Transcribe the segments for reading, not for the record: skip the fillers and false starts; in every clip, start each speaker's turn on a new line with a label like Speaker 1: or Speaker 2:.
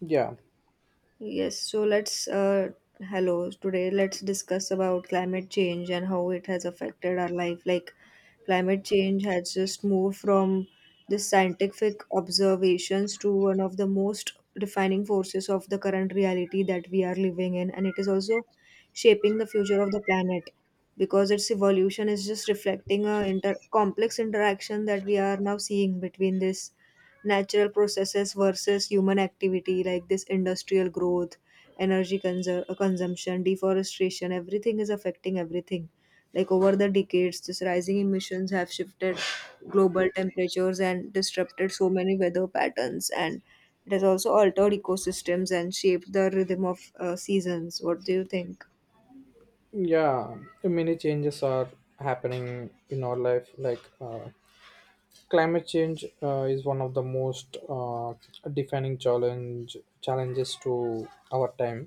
Speaker 1: yeah
Speaker 2: Yes, so, let's hello today, let's discuss about climate change and how it has affected our life. Like climate change has just moved from the scientific observations to one of the most defining forces of the current reality that we are living in, and it is also shaping the future of the planet because its evolution is just reflecting a complex interaction that we are now seeing between this natural processes versus human activity, like this industrial growth, energy consumption, deforestation. Everything is affecting everything. Like over the decades, this rising emissions have shifted global temperatures and disrupted so many weather patterns, and it has also altered ecosystems and shaped the rhythm of seasons. What do you think?
Speaker 1: yeah. Many changes are happening in our life, like climate change is one of the most defining challenges to our time,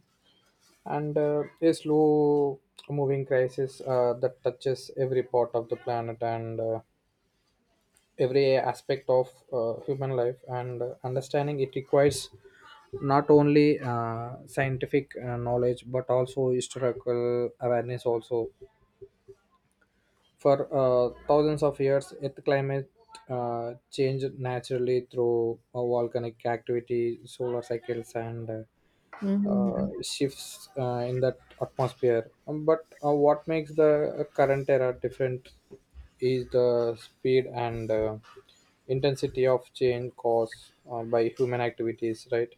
Speaker 1: and a slow moving crisis that touches every part of the planet, and every aspect of human life, and understanding it requires not only scientific knowledge but also historical awareness also. For thousands of years, Earth climate changed naturally through volcanic activity, solar cycles, and
Speaker 2: Hmm.
Speaker 1: shifts in that atmosphere. But what makes the current era different is the speed and intensity of change caused by human activities, right?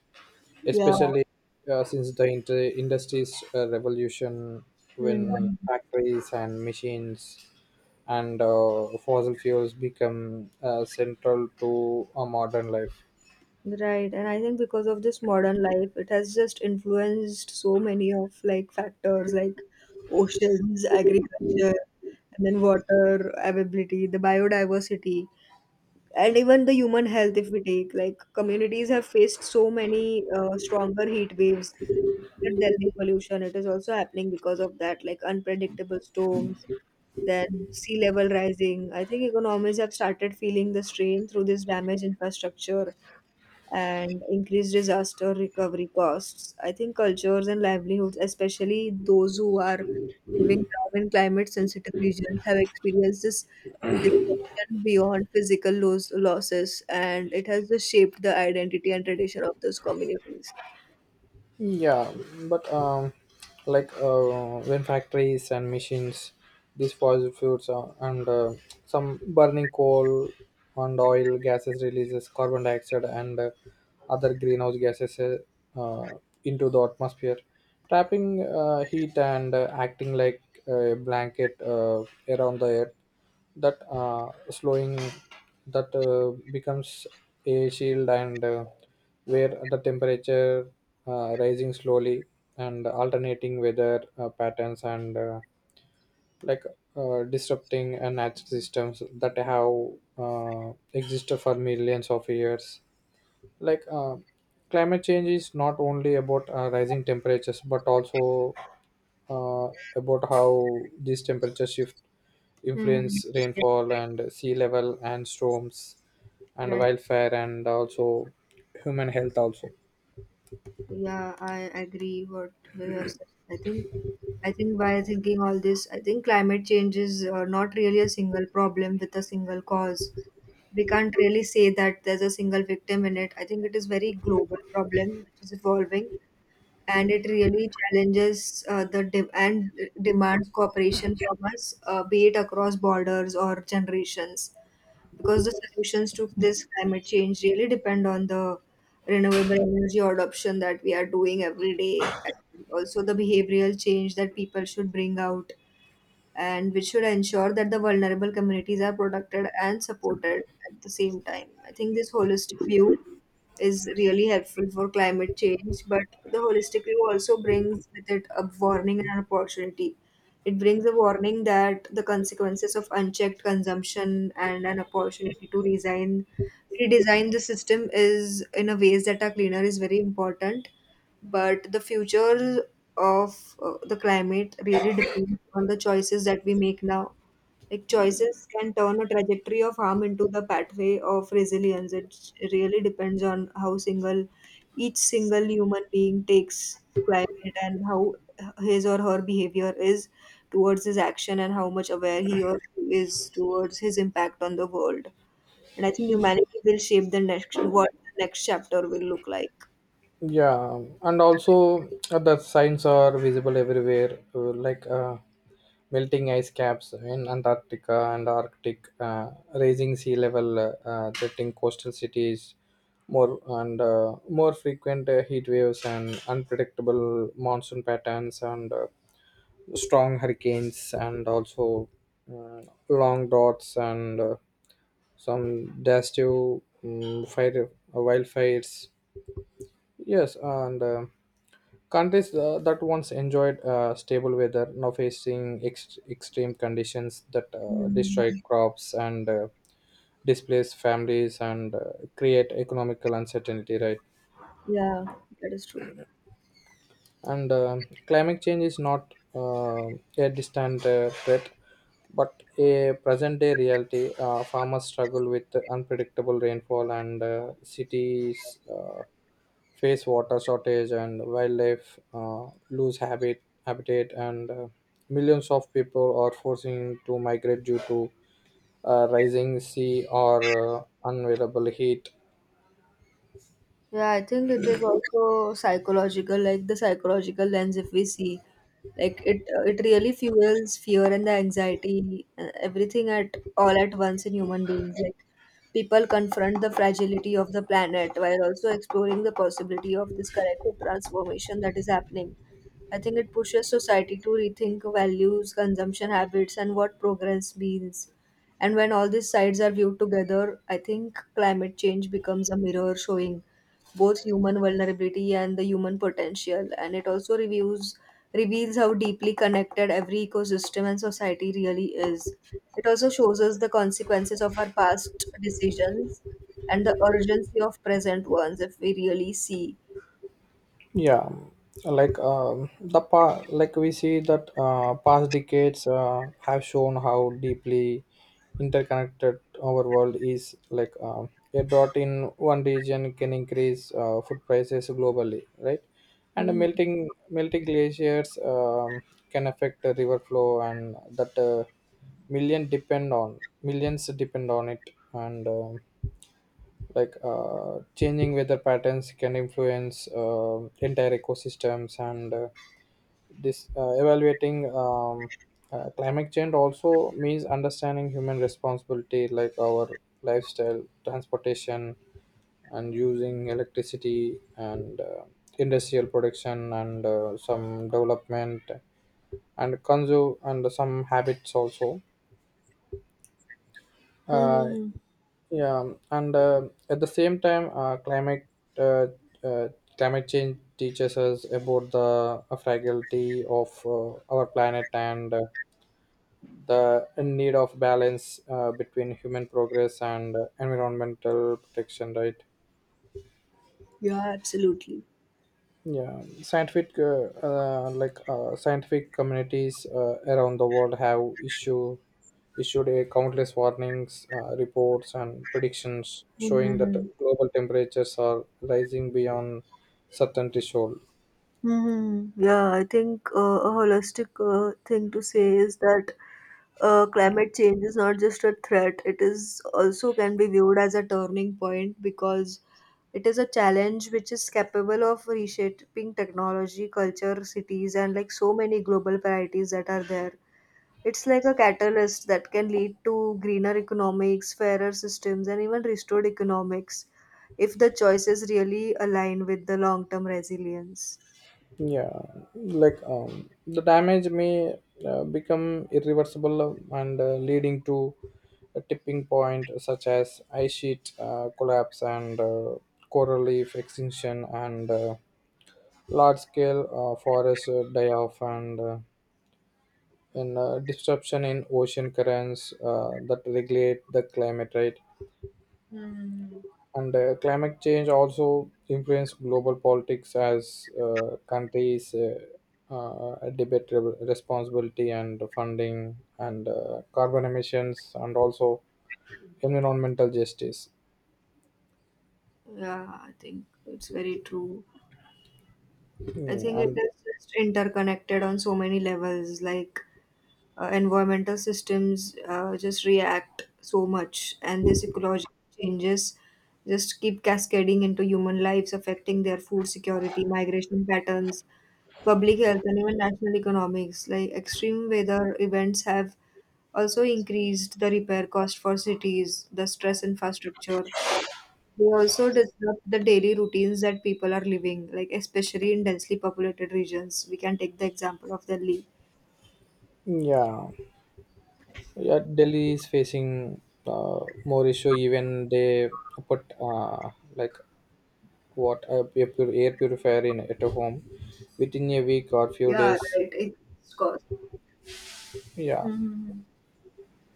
Speaker 2: Yeah.
Speaker 1: Especially since the industry's revolution, when
Speaker 2: Mhm.
Speaker 1: factories and machines and fossil fuels become central to a modern life.
Speaker 2: Right, and I think because of this modern life, it has just influenced so many of like factors like oceans, agriculture, and then water availability, the biodiversity, and even the human health. If we take, like, communities have faced so many stronger heat waves, the Delhi pollution. It is also happening because of that, like unpredictable storms, then sea level rising. I think economies have started feeling the strain through this damaged infrastructure and increased disaster recovery costs. I think cultures and livelihoods, especially those who are living now in climate sensitive regions, have experienced this disruption beyond physical losses, and it has just shaped the identity and tradition of those communities.
Speaker 1: Yeah, but like when factories and machines, these fossil fuels are, and some burning coal and oil gases releases carbon dioxide and other greenhouse gases uh, into the atmosphere, trapping heat and acting like a blanket around the earth, that slowing, that becomes a shield, and where the temperature rising slowly and alternating weather patterns and like disrupting natural systems that have existed for millions of years. Like climate change is not only about rising temperatures but also uh, about how this temperature shift
Speaker 2: Mhm.
Speaker 1: influence rainfall and sea level and storms and
Speaker 2: Right.
Speaker 1: wildfire and also human health also.
Speaker 2: Yeah, I agree what you have said. I think by thinking all this, I think climate change is not really a single problem with a single cause. We can't really say that there's a single victim in it. I think it is very global problem which is evolving, and it really challenges and demands cooperation from us, be it across borders or generations, because the solutions to this climate change really depend on the renewable energy adoption that we are doing every day, and also the behavioral change that people should bring out and which should ensure that the vulnerable communities are protected and supported at the same time. I think this holistic view is really helpful for climate change, but the holistic view also brings with it a warning and an opportunity. It brings a warning that the consequences of unchecked consumption, and an opportunity to redesign the system is in a ways that are cleaner is very important. But the future of the climate really depends on the choices that we make now. Like choices can turn a trajectory of harm into the pathway of resilience. It really depends on how single each single human being takes climate, and how his or her behavior is towards his action, and how much aware he or she is towards his impact on the world. And I think humanity will shape the next, what the next chapter will look like.
Speaker 1: Yeah, and also the signs are visible everywhere, like melting ice caps in Antarctica and Arctic, raising sea level, threatening coastal cities, more and more frequent heat waves and unpredictable monsoon patterns, and strong hurricanes, and also uh, long droughts, and some destructive fire wildfires. Yes, and countries that once enjoyed stable weather now facing extreme conditions that
Speaker 2: Mhm.
Speaker 1: destroy crops and displace families and create economical uncertainty. Right.
Speaker 2: Yeah, that is true.
Speaker 1: And climate change is not a distant threat, but a present day reality. Farmers struggle with unpredictable rainfall, and cities face water shortage, and wildlife lose habitat, and millions of people are forcing to migrate due to rising sea or unavailable heat.
Speaker 2: Yeah, I think it is also psychological, like the psychological lens. If we see, like it really fuels fear and the anxiety, everything at all at once in human beings. Like people confront the fragility of the planet while also exploring the possibility of this collective transformation that is happening. I think it pushes society to rethink values, consumption habits, and what progress means. And when all these sides are viewed together, I think climate change becomes a mirror showing both human vulnerability and the human potential, and it also reviews reveals how deeply connected every ecosystem and society really is. It also shows us the consequences of our past decisions and the urgency of present ones if we really see.
Speaker 1: Yeah, like like we see that past decades have shown how deeply interconnected our world is, like a dot in one region can increase food prices globally, right? And
Speaker 2: Mm-hmm.
Speaker 1: melting glaciers can affect the river flow, and that millions depend on it, and like changing weather patterns can influence entire ecosystems, and this evaluating climate change also means understanding human responsibility, like our lifestyle, transportation, and using electricity, and industrial production, and some development and consume and some habits also. Uh,
Speaker 2: Mm-hmm.
Speaker 1: yeah, and at the same time, uh, uh, climate change teaches us about the fragility of our planet, and the need of balance between human progress and environmental protection. Right?
Speaker 2: Yeah, absolutely.
Speaker 1: Yeah, scientific communities around the world have issued a countless warnings, reports, and predictions showing that
Speaker 2: Mm-hmm.
Speaker 1: global temperatures are rising beyond certain threshold.
Speaker 2: Mm-hmm. Yeah, I think a holistic thing to say is that climate change is not just a threat. It is also can be viewed as a turning point because it is a challenge which is capable of reshaping technology, culture, cities, and like so many global priorities that are there. It's like a catalyst that can lead to greener economics, fairer systems, and even restored economics if the choices really align with the long term resilience.
Speaker 1: Yeah, like the damage may become irreversible and leading to a tipping point such as ice sheet collapse, and coral reef extinction, and large scale forest die off, and in disruption in ocean currents that regulate the climate, right?
Speaker 2: Hmm.
Speaker 1: And climate change also influence global politics as countries responsibility and funding and carbon emissions and also environmental justice.
Speaker 2: Yeah, I think it's very true. I
Speaker 1: Mm,
Speaker 2: think it
Speaker 1: and
Speaker 2: is just interconnected on so many levels, like environmental systems just react so much, and this ecological changes just keep cascading into human lives, affecting their food security, migration patterns, public health, and even national economics. Like extreme weather events have also increased the repair cost for cities, the stress infrastructure, they also disrupt the daily routines that people are living, like especially in densely populated regions. We can take the example of Delhi.
Speaker 1: Yeah, yeah, Delhi is facing more issue. Even they put like what a air purifier in at a home within a week or few
Speaker 2: Yeah,
Speaker 1: days.
Speaker 2: right. It's cost.
Speaker 1: Yeah,
Speaker 2: Mm-hmm.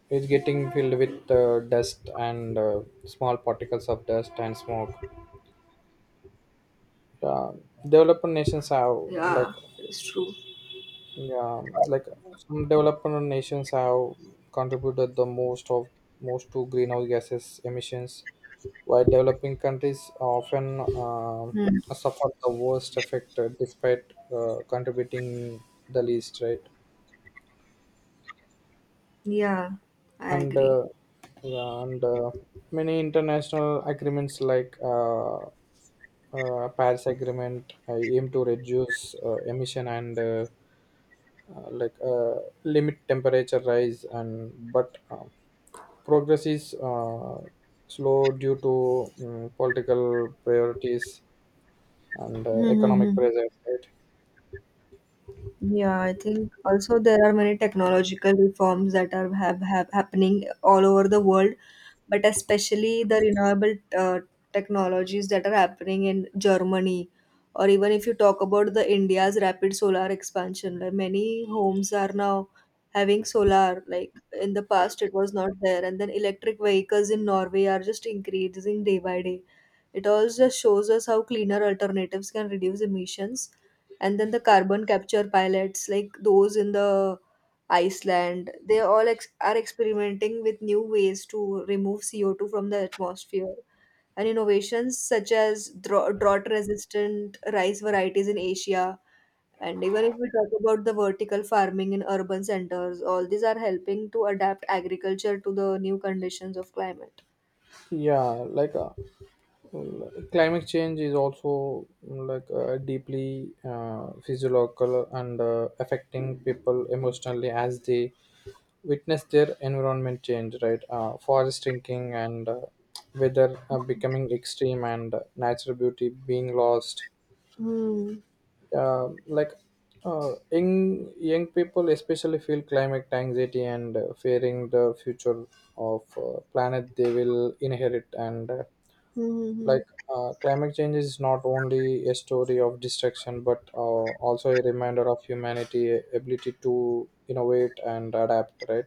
Speaker 1: it's getting filled with dust and small particles of dust and smoke. uh, Developed nations have, like,
Speaker 2: Yeah, it's true.
Speaker 1: yeah, like some developed nations have contributed the most to greenhouse gases emissions, while developing countries often
Speaker 2: Hmm.
Speaker 1: suffer the worst effect despite contributing the least, right?
Speaker 2: Yeah, I
Speaker 1: and
Speaker 2: agree.
Speaker 1: Yeah, and many international agreements like Paris Agreement aim to reduce emission and uh, like uh, limit temperature rise, and but progress is slow due to political priorities and economic
Speaker 2: Mm-hmm.
Speaker 1: pressures, right?
Speaker 2: Yeah, I think also there are many technological reforms that are have happening all over the world, but especially the renewable technologies that are happening in Germany, or even if you talk about the India's rapid solar expansion, like many homes are now having solar. Like in the past, it was not there, and then electric vehicles in Norway are just increasing day by day. It all just shows us how cleaner alternatives can reduce emissions, and then the carbon capture pilots, like those in the Iceland, they all are experimenting with new ways to remove CO2 from the atmosphere. And innovations such as drought resistant rice varieties in Asia, and even if we talk about the vertical farming in urban centers, all these are helping to adapt agriculture to the new conditions of climate.
Speaker 1: Yeah, like. Well, climate change is also like deeply physiological and affecting people emotionally as they witness their environment change, right? Forest shrinking, and weather becoming extreme, and natural beauty being lost.
Speaker 2: Hmm.
Speaker 1: Like young people especially feel climate anxiety and fearing the future of planet they will inherit, and
Speaker 2: Hmm. Hmm, hmm.
Speaker 1: like climate change is not only a story of destruction but also a reminder of humanity ability to innovate and adapt, right?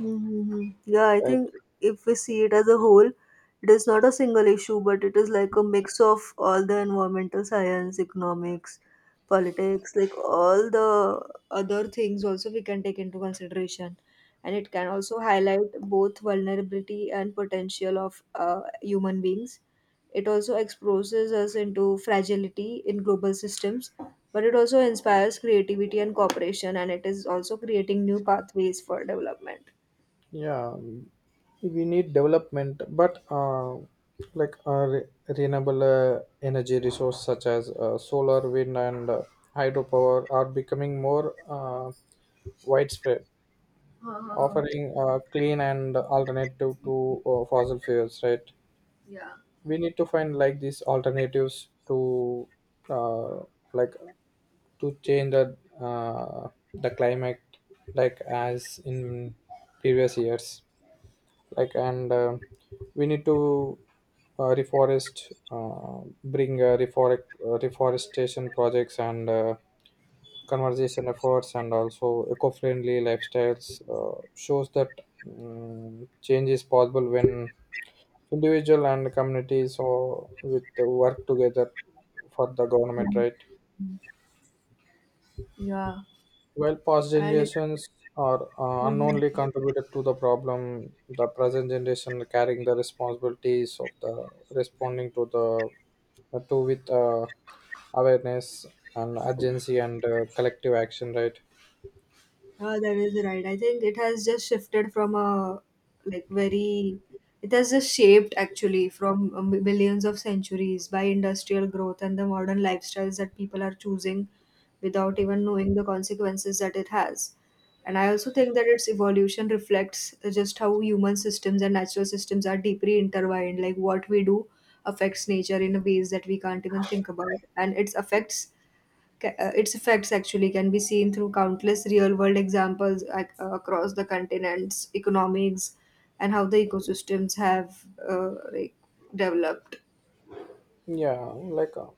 Speaker 2: Mhm. Yeah, I
Speaker 1: Right.
Speaker 2: think if we see it as a whole, it is not a single issue, but it is like a mix of all the environmental science, economics, politics, like all the other things also we can take into consideration. And it can also highlight both vulnerability and potential of human beings. It also exposes us into fragility in global systems, but it also inspires creativity and cooperation, and it is also creating new pathways for development.
Speaker 1: Yeah, we need development, but like renewable energy resource such as solar, wind, and hydropower are becoming more widespread, offering clean and alternative to fossil fuels, right? We need to find like these alternatives to uh, like to change the climate, like as in previous years. Like, and we need to reforestation projects and conservation efforts and also eco-friendly lifestyles shows that change is possible when individual and communities or with the work together for the government,
Speaker 2: Mm.
Speaker 1: right?
Speaker 2: Yeah,
Speaker 1: While past
Speaker 2: and it.
Speaker 1: generations are unknowingly
Speaker 2: Mhm.
Speaker 1: contributed to the problem, the present generation carrying the responsibilities of the responding to the to with awareness and urgency and collective action, right?
Speaker 2: Yeah, that is right. I think it has just shifted from a, like, very, it has just shaped actually from millions of centuries by industrial growth and the modern lifestyles that people are choosing without even knowing the consequences that it has. And I also think that its evolution reflects just how human systems and natural systems are deeply intertwined. Like what we do affects nature in ways that we can't even think about, and it affects its effects actually can be seen through countless real world examples across the continents, economics, and how the ecosystems have like developed.
Speaker 1: Yeah, like uh,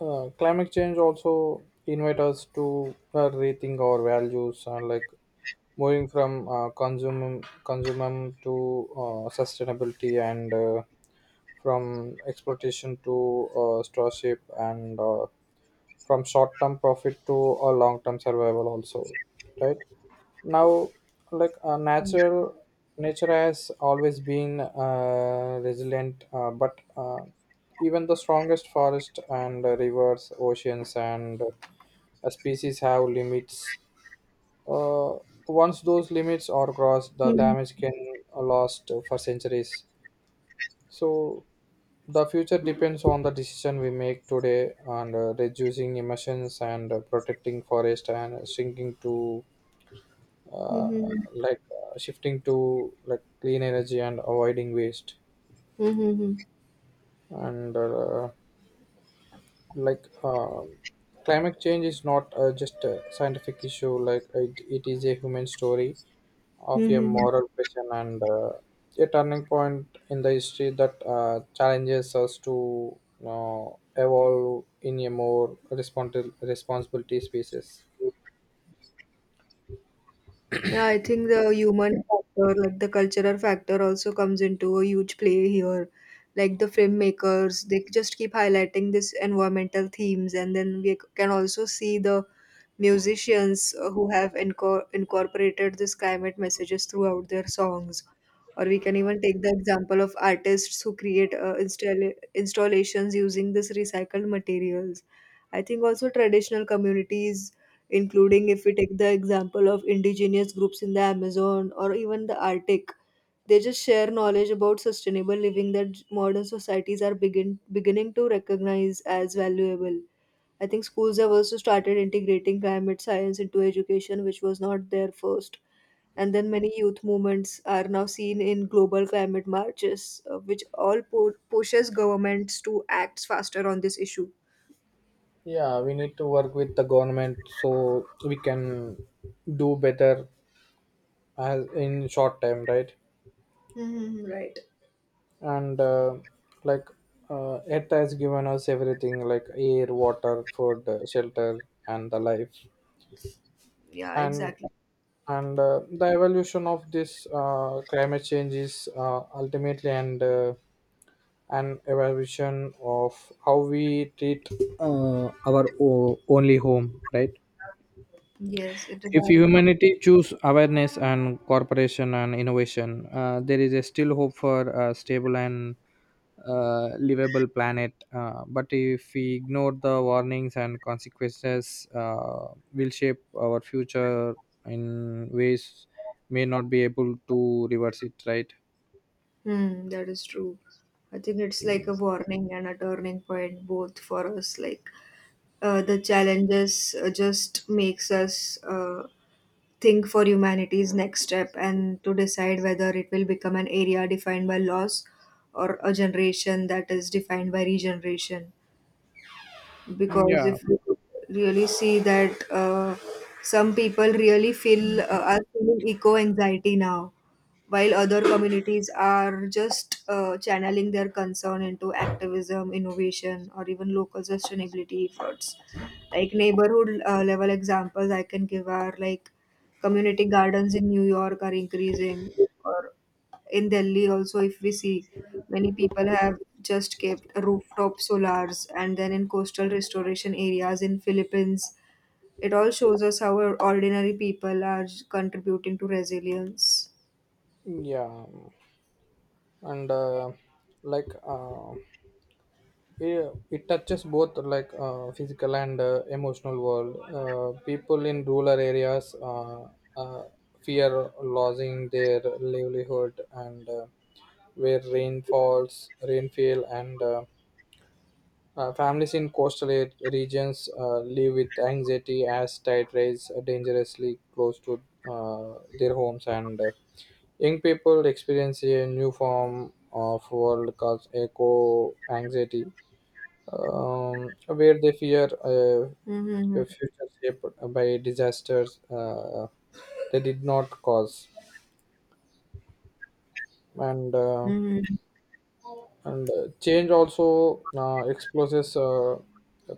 Speaker 1: Uh, climate change also invite us to rethink our values and like moving from consumum to sustainability, and from exploitation to stewardship, and from short term profit to a long term survival also, right? Now, like natural nature has always been resilient, but even the strongest forest and rivers, oceans, and species have limits. uh, Once those limits are crossed, the
Speaker 2: Mm-hmm.
Speaker 1: damage can last for centuries. So the future depends on the decision we make today, and reducing emissions, and protecting forest, and shrinking to uh, like shifting to like clean energy and avoiding waste,
Speaker 2: Mm-hmm.
Speaker 1: and like climate change is not just a scientific issue, like it is a human story of a
Speaker 2: Mm-hmm.
Speaker 1: moral question, and a turning point in the history that challenges us to uh, evolve in a more responsibility species.
Speaker 2: Yeah, I think the human factor, like the cultural factor, also comes into a huge play here. Like the filmmakers, they just keep highlighting this environmental themes, and then we can also see the musicians who have incorporated this climate messages throughout their songs. Or we can even take the example of artists who create installations using this recycled materials. I think also traditional communities, including if we take the example of indigenous groups in the Amazon or even the Arctic. They just share knowledge about sustainable living that modern societies are beginning to recognize as valuable. I think schools have also started integrating climate science into education, which was not there first. And then many youth movements are now seen in global climate marches, which all pushes governments to act faster on this issue.
Speaker 1: Yeah, we need to work with the government so we can do better as in short time, right?
Speaker 2: Hmm, right.
Speaker 1: And like it has given us everything like air, water, food, shelter, and the life.
Speaker 2: Yeah,
Speaker 1: And
Speaker 2: exactly.
Speaker 1: and the evolution of this climate change is ultimately and an evolution of how we treat only home, right?
Speaker 2: Yes, it is.
Speaker 1: If
Speaker 2: That is,
Speaker 1: humanity choose awareness and cooperation and innovation, there is a still hope for a stable and livable planet, but if we ignore the warnings and consequences, will shape our future in ways may not be able to reverse it, right?
Speaker 2: hmm, that is true. I think it's like a warning and a turning point both for us. Like the challenges just makes us think for humanity's next step and to decide whether it will become an area defined by loss or a generation that is defined by regeneration. Because
Speaker 1: yeah
Speaker 2: if you really see that some people really feel are feeling eco anxiety now, while other communities are just channeling their concern into activism, innovation, or even local sustainability efforts, like neighborhood level examples I can give are like community gardens in New York are increasing, or in Delhi also if we see, many people have just kept rooftop solars, and then in coastal restoration areas in Philippines, it all shows us how our ordinary people are contributing to resilience.
Speaker 1: yeah, and like yeah, it touches both like physical and emotional world. People in rural areas uh, fear losing their livelihood, and rainfall, and families in coastal regions live with anxiety as tide rise dangerously close to their homes, and young people experience a new form of world called eco anxiety, where they fear
Speaker 2: Mm-hmm.
Speaker 1: a future shaped by disasters they did not cause, and uh,
Speaker 2: Mm-hmm.
Speaker 1: and change also exposes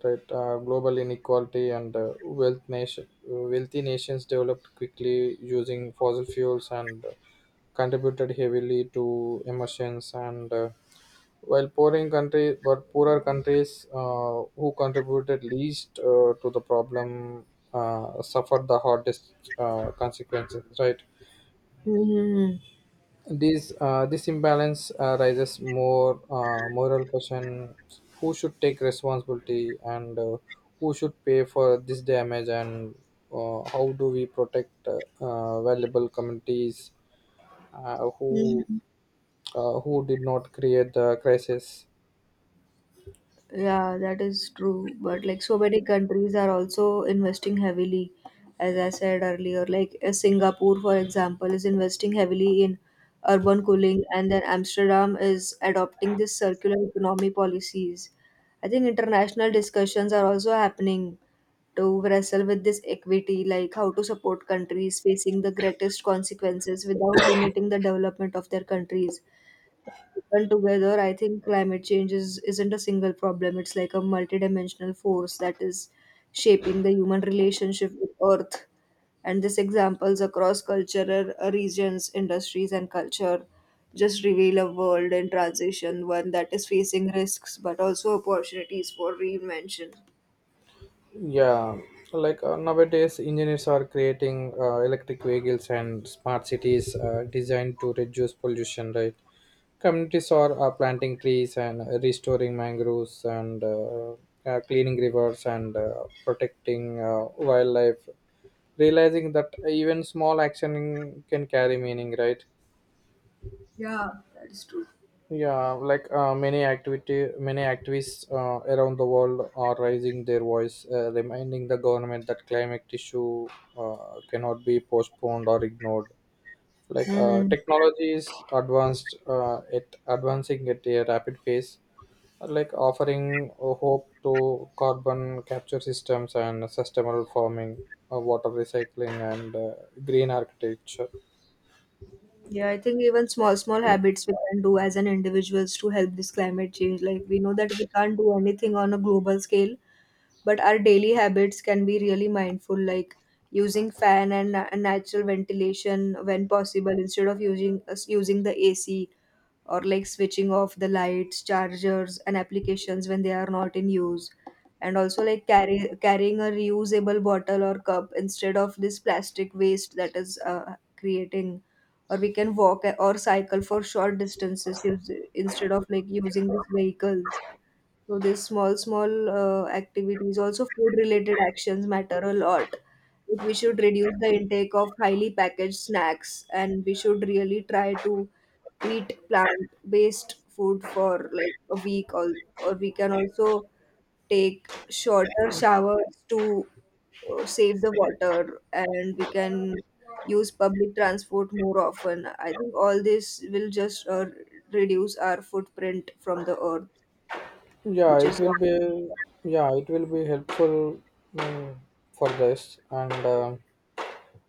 Speaker 1: right global inequality, and wealthy nations developed quickly using fossil fuels, and contributed heavily to emissions, and While pouring countries were poorer countries who contributed least to the problem suffered the hardest consequences. Right.
Speaker 2: Mm-hmm.
Speaker 1: This imbalance raises more moral question: who should take responsibility, and who should pay for this damage, and how do we protect valuable communities uh, who
Speaker 2: Mm-hmm.
Speaker 1: uh, who did not create the crisis?
Speaker 2: Yeah, that is true. But like so many countries are also investing heavily, as I said earlier. Like Singapore, for example, is investing heavily in urban cooling, and then Amsterdam is adopting this circular economy policies. I think international discussions are also happening to wrestle with this equity, like how to support countries facing the greatest consequences without limiting the development of their countries people together. I think climate change isn't a single problem. It's like a multidimensional force that is shaping the human relationship with Earth. And these examples across cultural regions, industries, and culture just reveal a world in transition, one that is facing risks but also opportunities for reinvention.
Speaker 1: Yeah, like nowadays, engineers are creating electric vehicles and smart cities designed to reduce pollution, right? Communities are planting trees, and restoring mangroves, and cleaning rivers, and protecting wildlife, realizing that even small action can carry meaning, right?
Speaker 2: Yeah, that is true.
Speaker 1: Yeah, like many activists around the world are raising their voice, reminding the government that climate issue cannot be postponed or ignored. Like
Speaker 2: hmm
Speaker 1: technology is it advancing at a rapid pace, like offering hope to carbon capture systems and sustainable farming, water recycling, and green architecture.
Speaker 2: Yeah, I think even small, small habits we can do as an individuals to help this climate change. Like we know that we can't do anything on a global scale, but our daily habits can be really mindful, like using fan and natural ventilation when possible instead of using the ac, or like switching off the lights, chargers, and applications when they are not in use, and also like carrying a reusable bottle or cup instead of this plastic waste that is creating, or we can walk or cycle for short distances instead of like using these vehicles. So these small, small activities, also food related actions matter a lot. Like, we should reduce the intake of highly packaged snacks and we should really try to eat plant based food for like a week, or we can also take shorter showers to save the water, and we can use public transport more often. I think all this will just reduce our footprint from the earth,
Speaker 1: Yeah,
Speaker 2: which
Speaker 1: it
Speaker 2: is.
Speaker 1: will be. Yeah, it will be helpful, mm, for this, and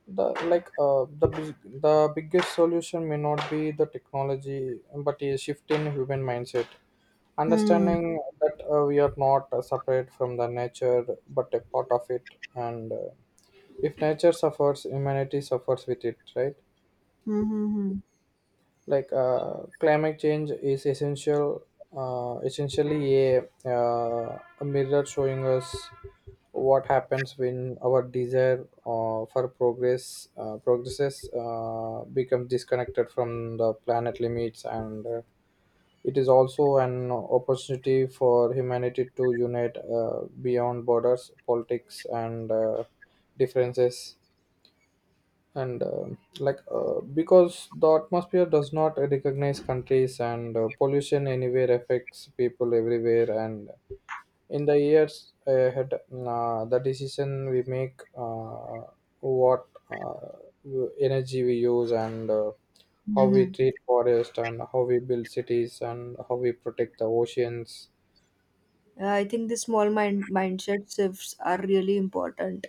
Speaker 1: the like the biggest solution may not be the technology, but a shift in human mindset.
Speaker 2: Hmm.
Speaker 1: Understanding that we are not separate from the nature, but a part of it, and if nature suffers, humanity suffers with it. Right?
Speaker 2: Hmm, hmm, hmm.
Speaker 1: Like climate change is essentially a mirror showing us what happens when our desire for progress progresses becomes disconnected from the planet limits, and it is also an opportunity for humanity to unite beyond borders, politics, and differences, and like because the atmosphere does not recognize countries, and pollution anywhere affects people everywhere, and in the years ahead the decision we make, what energy we use, and how we
Speaker 2: Mhm.
Speaker 1: treat forest, and how we build cities, and how we protect the oceans.
Speaker 2: Yeah, I think the small mindset shifts are really important.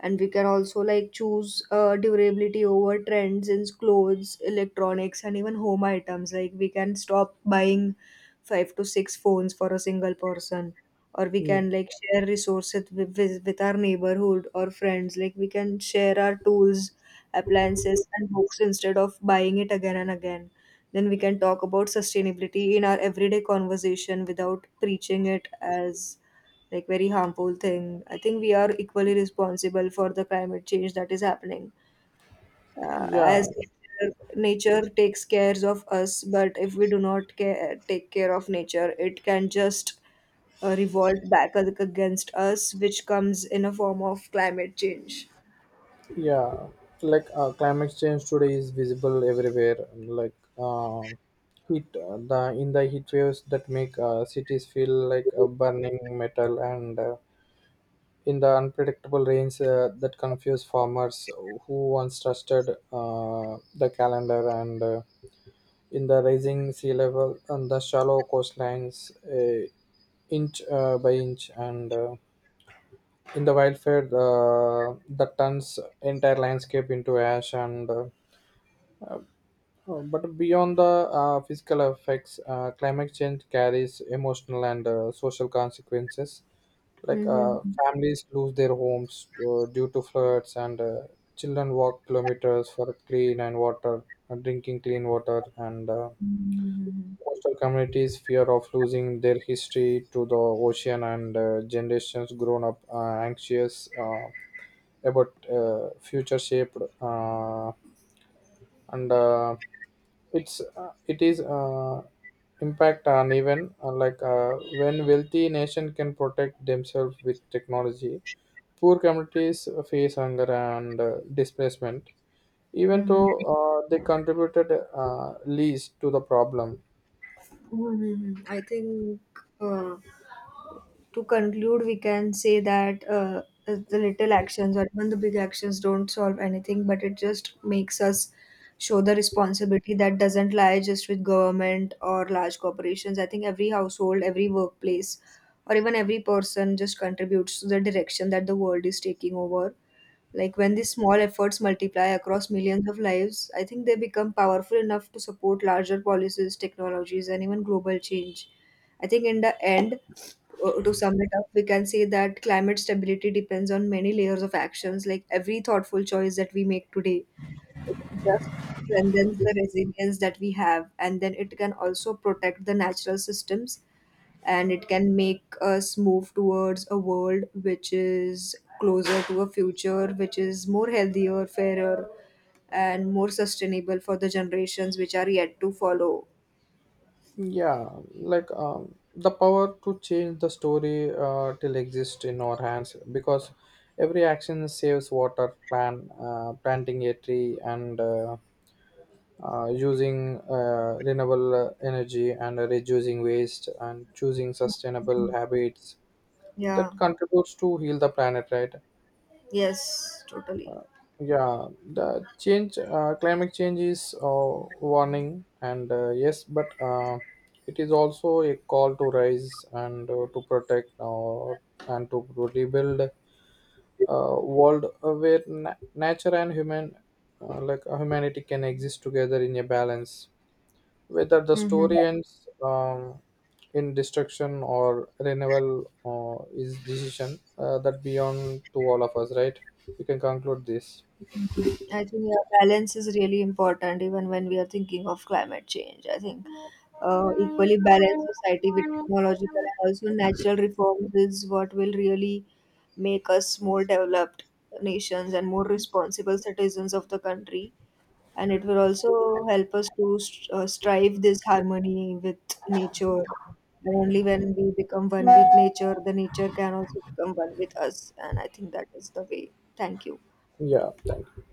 Speaker 2: And we can also like choose durability over trends in clothes, electronics, and even home items. Like we can stop buying five to six phones for a single person, or we
Speaker 1: Mm,
Speaker 2: can like share resources with our neighborhood or friends. Like we can share our tools, appliances, and books instead of buying it again and again. Then we can talk about sustainability in our everyday conversation without preaching it as like very harmful thing. I think we are equally responsible for the climate change that is happening. Uh,
Speaker 1: yeah,
Speaker 2: as nature nature takes care of us, but if we do not care, take care of nature, it can just revolt back against us, which comes in a form of climate change.
Speaker 1: yeah, like climate change today is visible everywhere, like heat the in the heat waves that make cities feel like a burning metal, and in the unpredictable rains that confuse farmers who once trusted the calendar, and in the rising sea level and the shallow coastlines, inch by inch, and in the wildfire that turns entire landscape into ash, and uh, but beyond the physical effects, climate change carries emotional and social consequences. Like
Speaker 2: Mhm.
Speaker 1: families lose their homes due to floods, and children walk kilometers for clean and water drinking clean water, and
Speaker 2: Mhm.
Speaker 1: coastal communities fear of losing their history to the ocean, and generations grown up anxious about future shaped. And it's it is impact uneven. Like when wealthy nation can protect themselves with technology, poor communities face hunger and displacement. Even
Speaker 2: Mhm.
Speaker 1: though they contributed least to the problem.
Speaker 2: Mhm. I think uh, to conclude, we can say that the little actions or even the big actions don't solve anything, but it just makes us show the responsibility that doesn't lie just with government or large corporations. I think every household, every workplace, or even every person just contributes to the direction that the world is taking over. Like when these small efforts multiply across millions of lives, I think they become powerful enough to support larger policies, technologies, and even global change. I think in the end, to sum it up, we can say that climate stability depends on many layers of actions, like every thoughtful choice that we make today. It just strengthens the resilience that we have, and then it can also protect the natural systems, and it can make us move towards a world which is closer to a future which is more healthier, fairer, and more sustainable for the generations which are yet to follow.
Speaker 1: Yeah, like the power to change the story till exist in our hands, because every action saves water, planting a tree, and using renewable energy, and reducing waste, and choosing sustainable habits
Speaker 2: Yeah,
Speaker 1: that contributes to heal the planet, right?
Speaker 2: yes, totally.
Speaker 1: Yeah, the climate change is warning, and yes, but it is also a call to rise and to protect and to rebuild a world where nature and humanity, can exist together in a balance. Whether the
Speaker 2: Mm-hmm.
Speaker 1: story ends in destruction or renewal is decision that beyond to all of us, right? We can conclude this.
Speaker 2: I think yeah, balance is really important even when we are thinking of climate change. I think equally balanced society with technological and also natural reforms is what will really make us more developed nations and more responsible citizens of the country. And it will also help us to strive this harmony with nature. And only when we become one with nature, the nature can also become one with us. And I think that is the way. Thank you.
Speaker 1: Yeah, thank you.